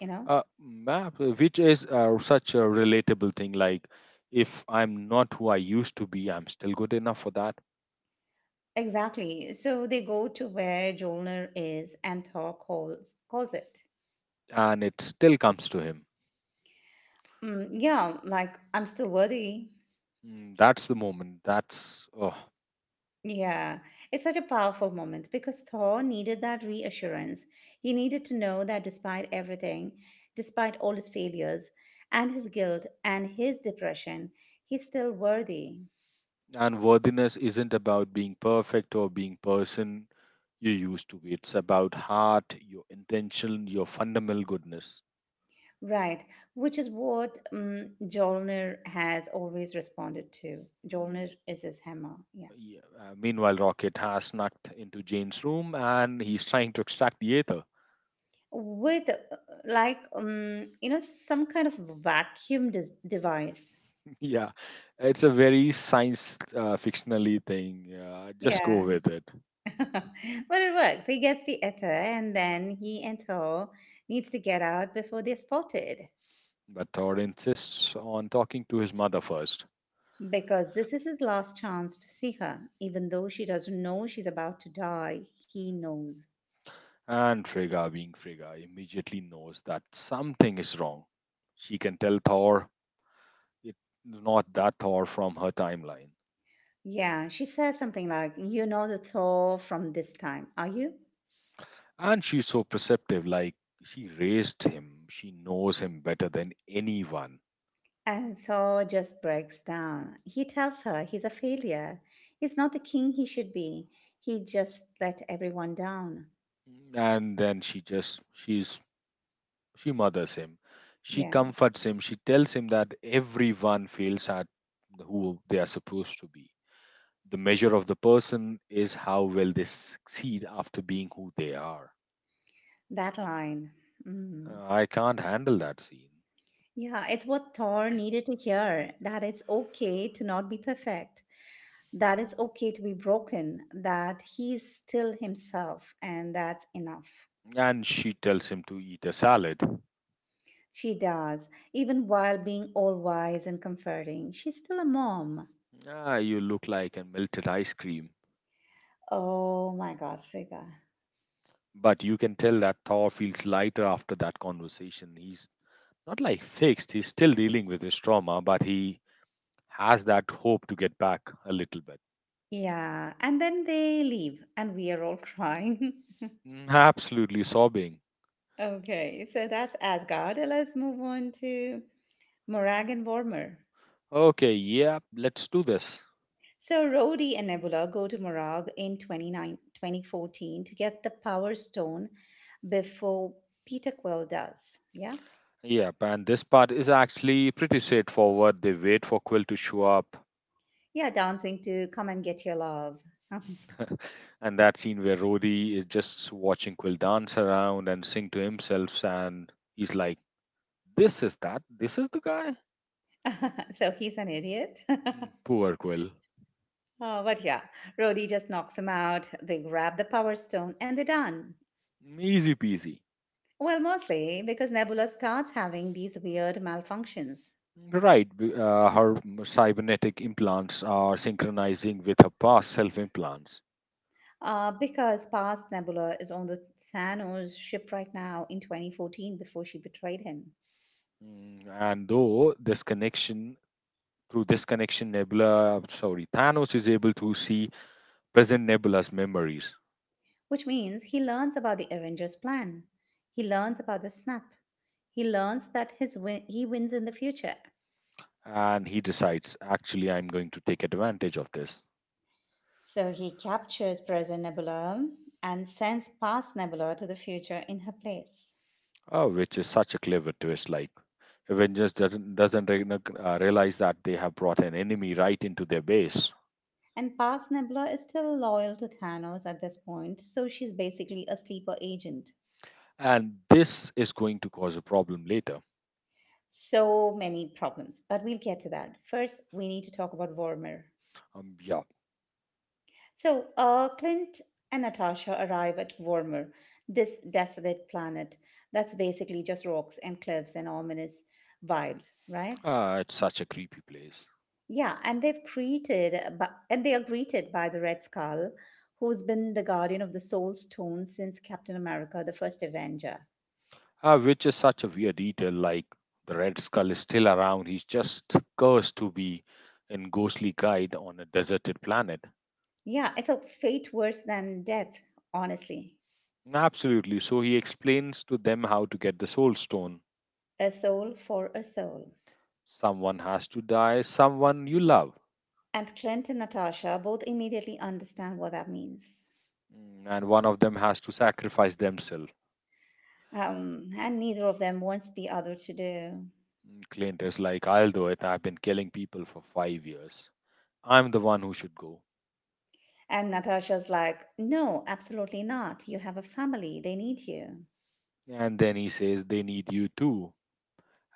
You know? Which is such a relatable thing. Like, if I'm not who I used to be, I'm still good enough for that, Exactly. So they go to where Jolner is and Thor calls it. and it still comes to him. Mm, yeah, like, I'm still worthy. Mm, that's the moment. That's oh. Yeah, it's such a powerful moment because Thor needed that reassurance. He needed to know that despite everything, despite all his failures and his guilt and his depression, he's still worthy. And worthiness isn't about being perfect or being person you used to be. It's about heart, your intention, your fundamental goodness. Right, which is what Jolnir has always responded to. Mm, Jolnir is his hammer, yeah. yeah. Meanwhile, Rocket has snuck into Jane's room and he's trying to extract the ether. With like you know, some kind of device. Yeah, it's a very science fictionally thing. Just go Yeah, with it. but it works. He gets the ether, and then he and Thor needs to get out before they're spotted But Thor insists on talking to his mother first. because this is his last chance to see her. Even though she doesn't know she's about to die, he knows. And Frigga, being Frigga, immediately knows that something is wrong. She can tell Thor it's not that Thor from her timeline. Yeah, she says something like, "You know the Thor from this time, are you?" And she's so perceptive, like she raised him, she knows him better than anyone. And Thor just breaks down. He tells her he's a failure. He's not the king he should be. He just let everyone down. And then she mothers him, she Yeah, comforts him, she tells him that everyone fails at who they are supposed to be. The measure of the person is how well they succeed after being who they are. that line. Mm-hmm. I can't handle that scene. Yeah, it's what Thor needed to hear, that it's okay to not be perfect, that it's okay to be broken, that he's still himself, and that's enough. And she tells him to eat a salad. She does, even while being all wise and comforting. She's still a mom. Ah, you look like a melted ice cream. Oh my God, Frigga. But you can tell that Thor feels lighter after that conversation. He's not like fixed, he's still dealing with his trauma, but he has that hope to get back a little bit. Yeah, and then they leave, and we are all crying. Mm, absolutely sobbing. Okay, so that's Asgard. Let's move on to Morag and Vormir. Okay, yeah, let's do this. So Rhodey and Nebula go to Morag in 2014 to get the Power Stone before Peter Quill does. Yeah? Yep, and this part is actually pretty straightforward. They wait for Quill to show up. Yeah, dancing to "Come and Get Your Love." And that scene where Rory is just watching Quill dance around and sing to himself, and he's like, "This is that. This is the guy." So he's an idiot. Oh, Mm, poor Quill. but yeah, Rhodey just knocks him out. They grab the Power Stone and they're done. Easy peasy. Well, mostly because Nebula starts having these weird malfunctions. Right. Her cybernetic implants are synchronizing with her past self implants. Because past Nebula is on the Thanos ship right now in 2014 before she betrayed him, Mm, And though this connection, Through this connection, Nebula, sorry, Thanos is able to see present Nebula's memories. which means he learns about the Avengers' plan. He learns about the snap. He learns that he wins in the future. And he decides, actually, I'm going to take advantage of this. So he captures present Nebula and sends past Nebula to the future in her place. Oh, which is such a clever twist. Like, Avengers doesn't realize that they have brought an enemy right into their base, And past Nebula is still loyal to Thanos at this point, so she's basically a sleeper agent. and this is going to cause a problem later. So many problems, but we'll get to that. First, we need to talk about Vormir. Yeah, So, Clint and Natasha arrive at Vormir, this desolate planet that's basically just rocks and cliffs and ominous vibes, right? It's such a creepy place. Yeah, and and they are greeted by the Red Skull, who's been the guardian of the Soul Stone since Captain America: The First Avenger. Which is such a weird detail. Like, the Red Skull is still around. He's just cursed to be in ghostly guide on a deserted planet. Yeah, it's a fate worse than death, honestly. Absolutely. So he explains to them how to get the Soul Stone. A soul for a soul. Someone has to die. Someone you love. And Clint and Natasha both immediately understand what that means. Mm, and one of them has to sacrifice themselves. And neither of them wants the other to do. Mm, Clint is like, I'll do it. I've been killing people for 5 years. I'm the one who should go. And Natasha's like, "No, absolutely not. You have a family, they need you." And then he says, they need you too.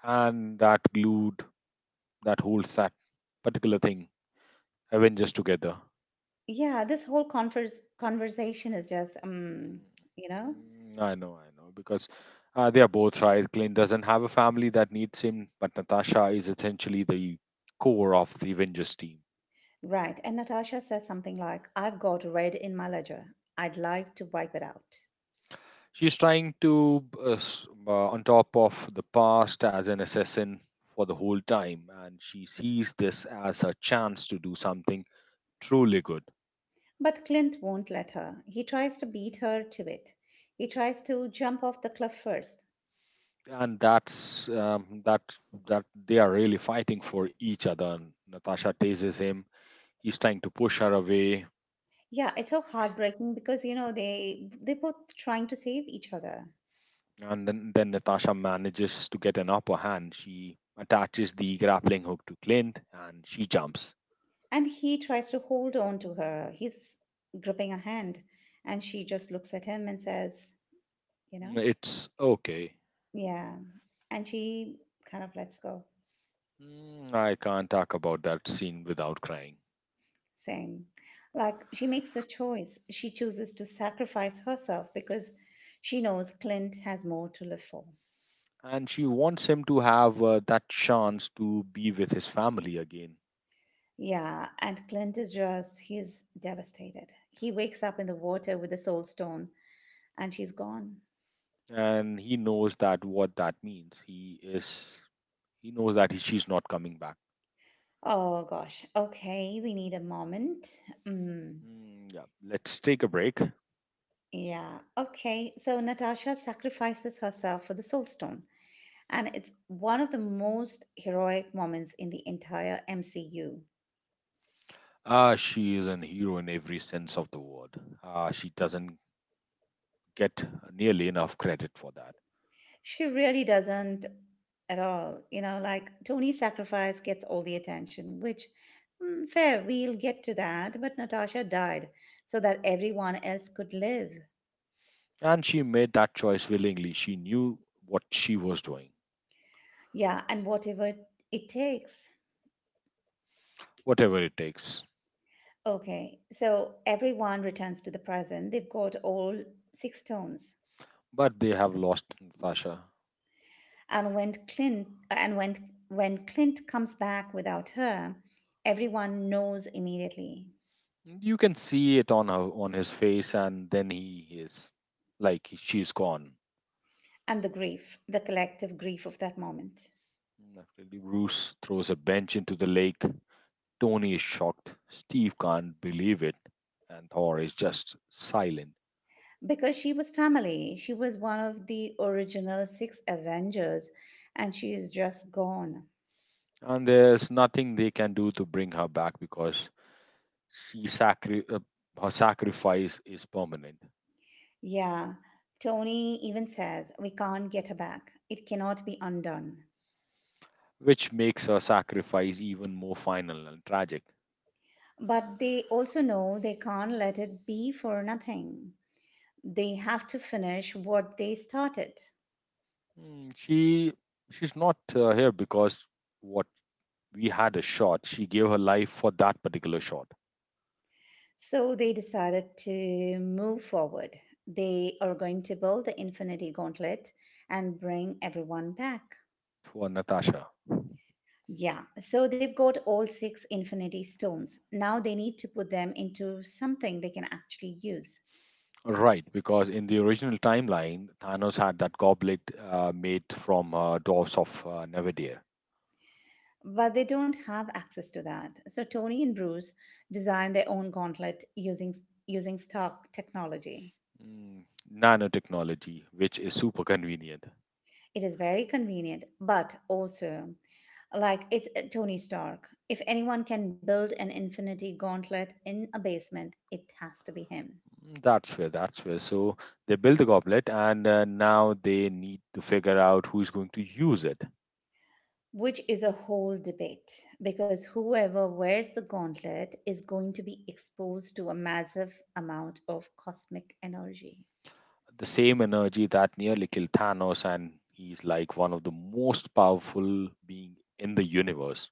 And that holds that particular thing, Avengers together. Yeah, this whole conversation is just, Mm, you know, I know, I know. Because they are both right. Clint doesn't have a family that needs him, but Natasha is essentially the core of the Avengers team. right. And Natasha says something like, "I've got red in my ledger. I'd like to wipe it out." She's trying to, on top of the past, as an assassin for the whole time, and she sees this as her chance to do something truly good. But Clint won't let her. He tries to beat her to it. He tries to jump off the cliff first. And that's that they are really fighting for each other. Natasha tases him. He's trying to push her away, Yeah, it's so heartbreaking because you know they are both trying to save each other. and then Natasha manages to get an upper hand. She attaches the grappling hook to Clint, and she jumps. And he tries to hold on to her. He's gripping her hand. And she just looks at him and says, you know, It's okay. yeah. And she kind of lets go. Mm, I can't talk about that scene without crying. Same. Like, she makes a choice. She chooses to sacrifice herself because she knows Clint has more to live for. And she wants him to have that chance to be with his family again. Yeah. And Clint is just, he's devastated. He wakes up in the water with the soul stone, and she's gone. And he knows that what that means. He knows that she's not coming back. Oh gosh. Okay. We need a moment. Mm. Mm, yeah, let's take a break. Yeah, okay. So Natasha sacrifices herself for the Soul Stone, and it's one of the most heroic moments in the entire MCU. Ah, she is an hero in every sense of the word. Ah, she doesn't get nearly enough credit for that. She really doesn't, at all. You know, like Tony's sacrifice gets all the attention, which, mm, fair, we'll get to that, but Natasha died so that everyone else could live. And she made that choice willingly. She knew what she was doing, Yeah, and whatever it takes. whatever it takes. Okay, so everyone returns to the present. They've got all six stones. But they have lost Natasha. And when Clint comes back without her, everyone knows immediately. You can see it on his face, and then he is like he- she's gone. And the grief, the collective grief of that moment. Naturally, Bruce throws a bench into the lake. Tony is shocked. Steve can't believe it, and Thor is just silent. Because she was family, she was one of the original six Avengers, and she is just gone. And there's nothing they can do to bring her back because she sacri- uh, her sacrifice is permanent, Yeah, Tony even says, "We can't get her back. It cannot be undone." which makes her sacrifice even more final and tragic. But they also know they can't let it be for nothing. They have to finish what they started. Mm, she's not here because what we had a shot. She gave her life for that particular shot So they decided to move forward. They are going to build the Infinity Gauntlet and bring everyone back. for Natasha. Yeah, so they've got all six Infinity Stones. Now they need to put them into something they can actually use. Right, because in the original timeline, Thanos had that goblet made from dwarfs of Nevadir. But they don't have access to that. So Tony and Bruce design their own gauntlet using Stark technology. Mm, nanotechnology, which is super convenient. It is very convenient, but also, like, it's Tony Stark. If anyone can build an infinity gauntlet in a basement, it has to be him. Mm, that's where. So they built the goblet, and now they need to figure out who's going to use it. Which is a whole debate because whoever wears the gauntlet is going to be exposed to a massive amount of cosmic energy. The same energy that nearly killed Thanos, and he's like one of the most powerful being in the universe.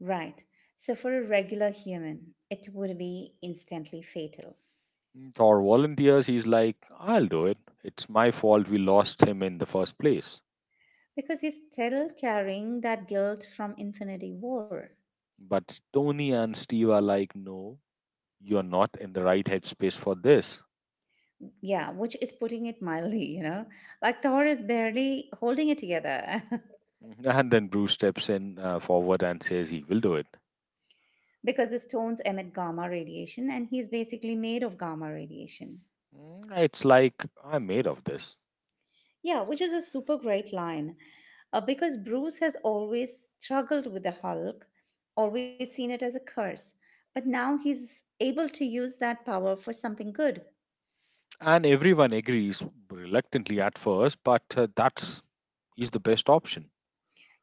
Right. So, for a regular human, it would be instantly fatal Or volunteers, he's like, I'll do it. It's my fault we lost him in the first place. because he's still carrying that guilt from Infinity War. But Tony and Steve are like, no, you're not in the right headspace for this. Yeah, which is putting it mildly, you know. Like Thor is barely holding it together Mhm. And then Bruce steps in forward and says he will do it. because the stones emit gamma radiation and he's basically made of gamma radiation. Mm, it's like, I'm made of this. Yeah, which is a super great line because Bruce has always struggled with the Hulk, always seen it as a curse, but now he's able to use that power for something good. And everyone agrees reluctantly at first, but that's is the best option.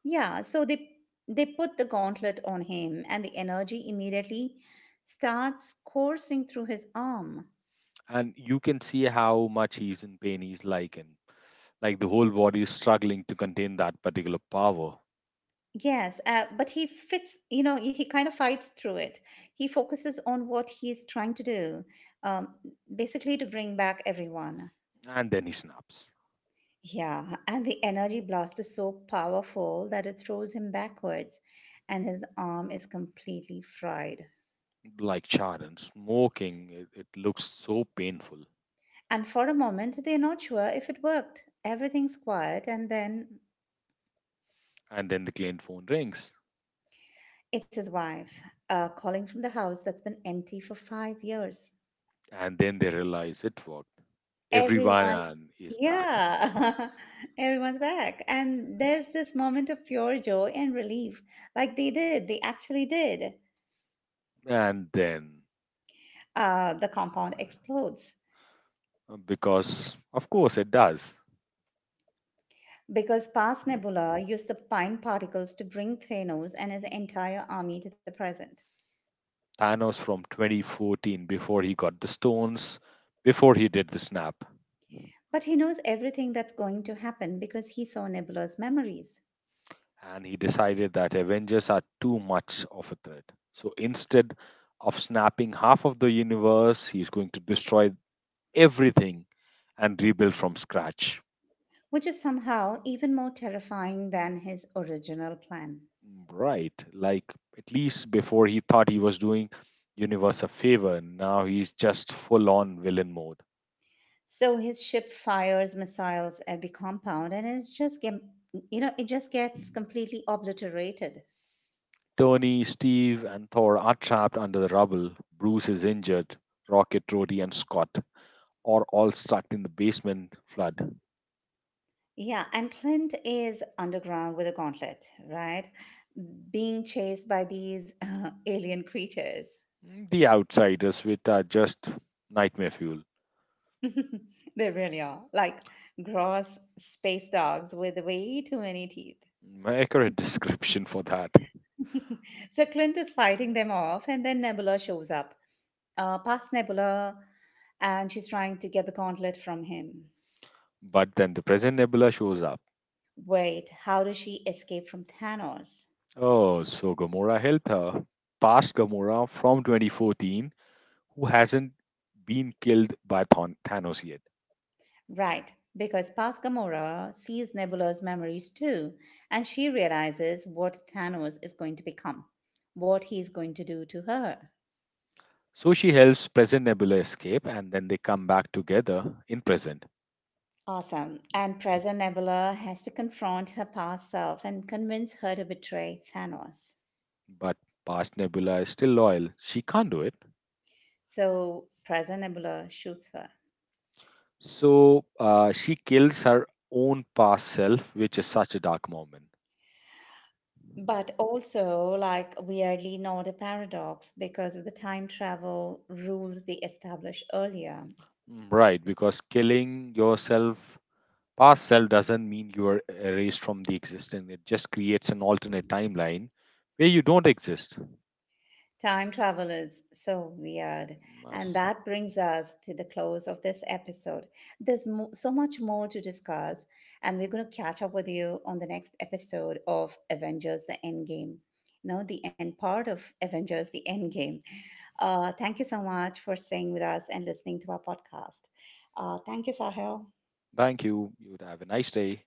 Yeah, so they put the gauntlet on him and the energy immediately starts coursing through his arm. And you can see how much he's in pain. He's like, and like the whole body is struggling to contain that particular power. Yes, but he fits, you know, he kind of fights through it. He focuses on what he's trying to do, um, basically to bring back everyone. And then he snaps, Yeah, and the energy blast is so powerful that it throws him backwards, and his arm is completely fried. like charred and smoking. It looks so painful. And for a moment, they're not sure if it worked. Everything's quiet, and then And then the client phone rings, it's his wife calling from the house that's been empty for 5 years. and then they realize it worked. Everyone Everyone, and is back. yeah, everyone's back. And there's this moment of pure joy and relief. Like they did, they actually did. And then, The compound explodes because of course it does, because past Nebula used the pine particles to bring Thanos and his entire army to the present. Thanos from 2014, before he got the stones, before he did the snap, But he knows everything that's going to happen because he saw Nebula's memories, and he decided that Avengers are too much of a threat. So instead of snapping half of the universe, he's going to destroy everything and rebuild from scratch. which is somehow even more terrifying than his original plan. Right. Like, at least before he thought he was doing Universe a favor, now he's just full on villain mode. So his ship fires missiles at the compound and it's just get, you know, it just gets completely obliterated. Tony, Steve, and Thor are trapped under the rubble. Bruce is injured. Rocket, Rhodey, and Scott are all stuck in the basement flood. Yeah, and Clint is underground with a gauntlet, right? Being chased by these alien creatures. The outsiders, which are just nightmare fuel. They really are like gross space dogs with way too many teeth. Accurate description for that. So Clint is fighting them off and then Nebula shows up. Past Nebula, and she's trying to get the gauntlet from him. But then the present Nebula shows up. Wait, how does she escape from Thanos? Oh, so Gamora helped her. Past Gamora from 2014, who hasn't been killed by Thanos yet. Right, because Paz Gamora sees Nebula's memories too, and she realizes what Thanos is going to become, what he's going to do to her. So she helps present Nebula escape and then they come back together in present. Awesome. And present Nebula has to confront her past self and convince her to betray Thanos. But past Nebula is still loyal. She can't do it. So present Nebula shoots her. So she kills her own past self, which is such a dark moment. But also, like, weirdly, not a paradox because of the time travel rules they established earlier. Mm, right, because killing yourself past self doesn't mean you are erased from the existence. It just creates an alternate timeline where you don't exist. Time travel is so weird. And Mas- that brings us to the close of this episode. There's so much more to discuss, and we're going to catch up with you on the next episode of Avengers the Endgame. You know, the end part of Avengers the Endgame. Thank you so much for staying with us and listening to our podcast. Thank you, Sahil. Thank you. You would have a nice day.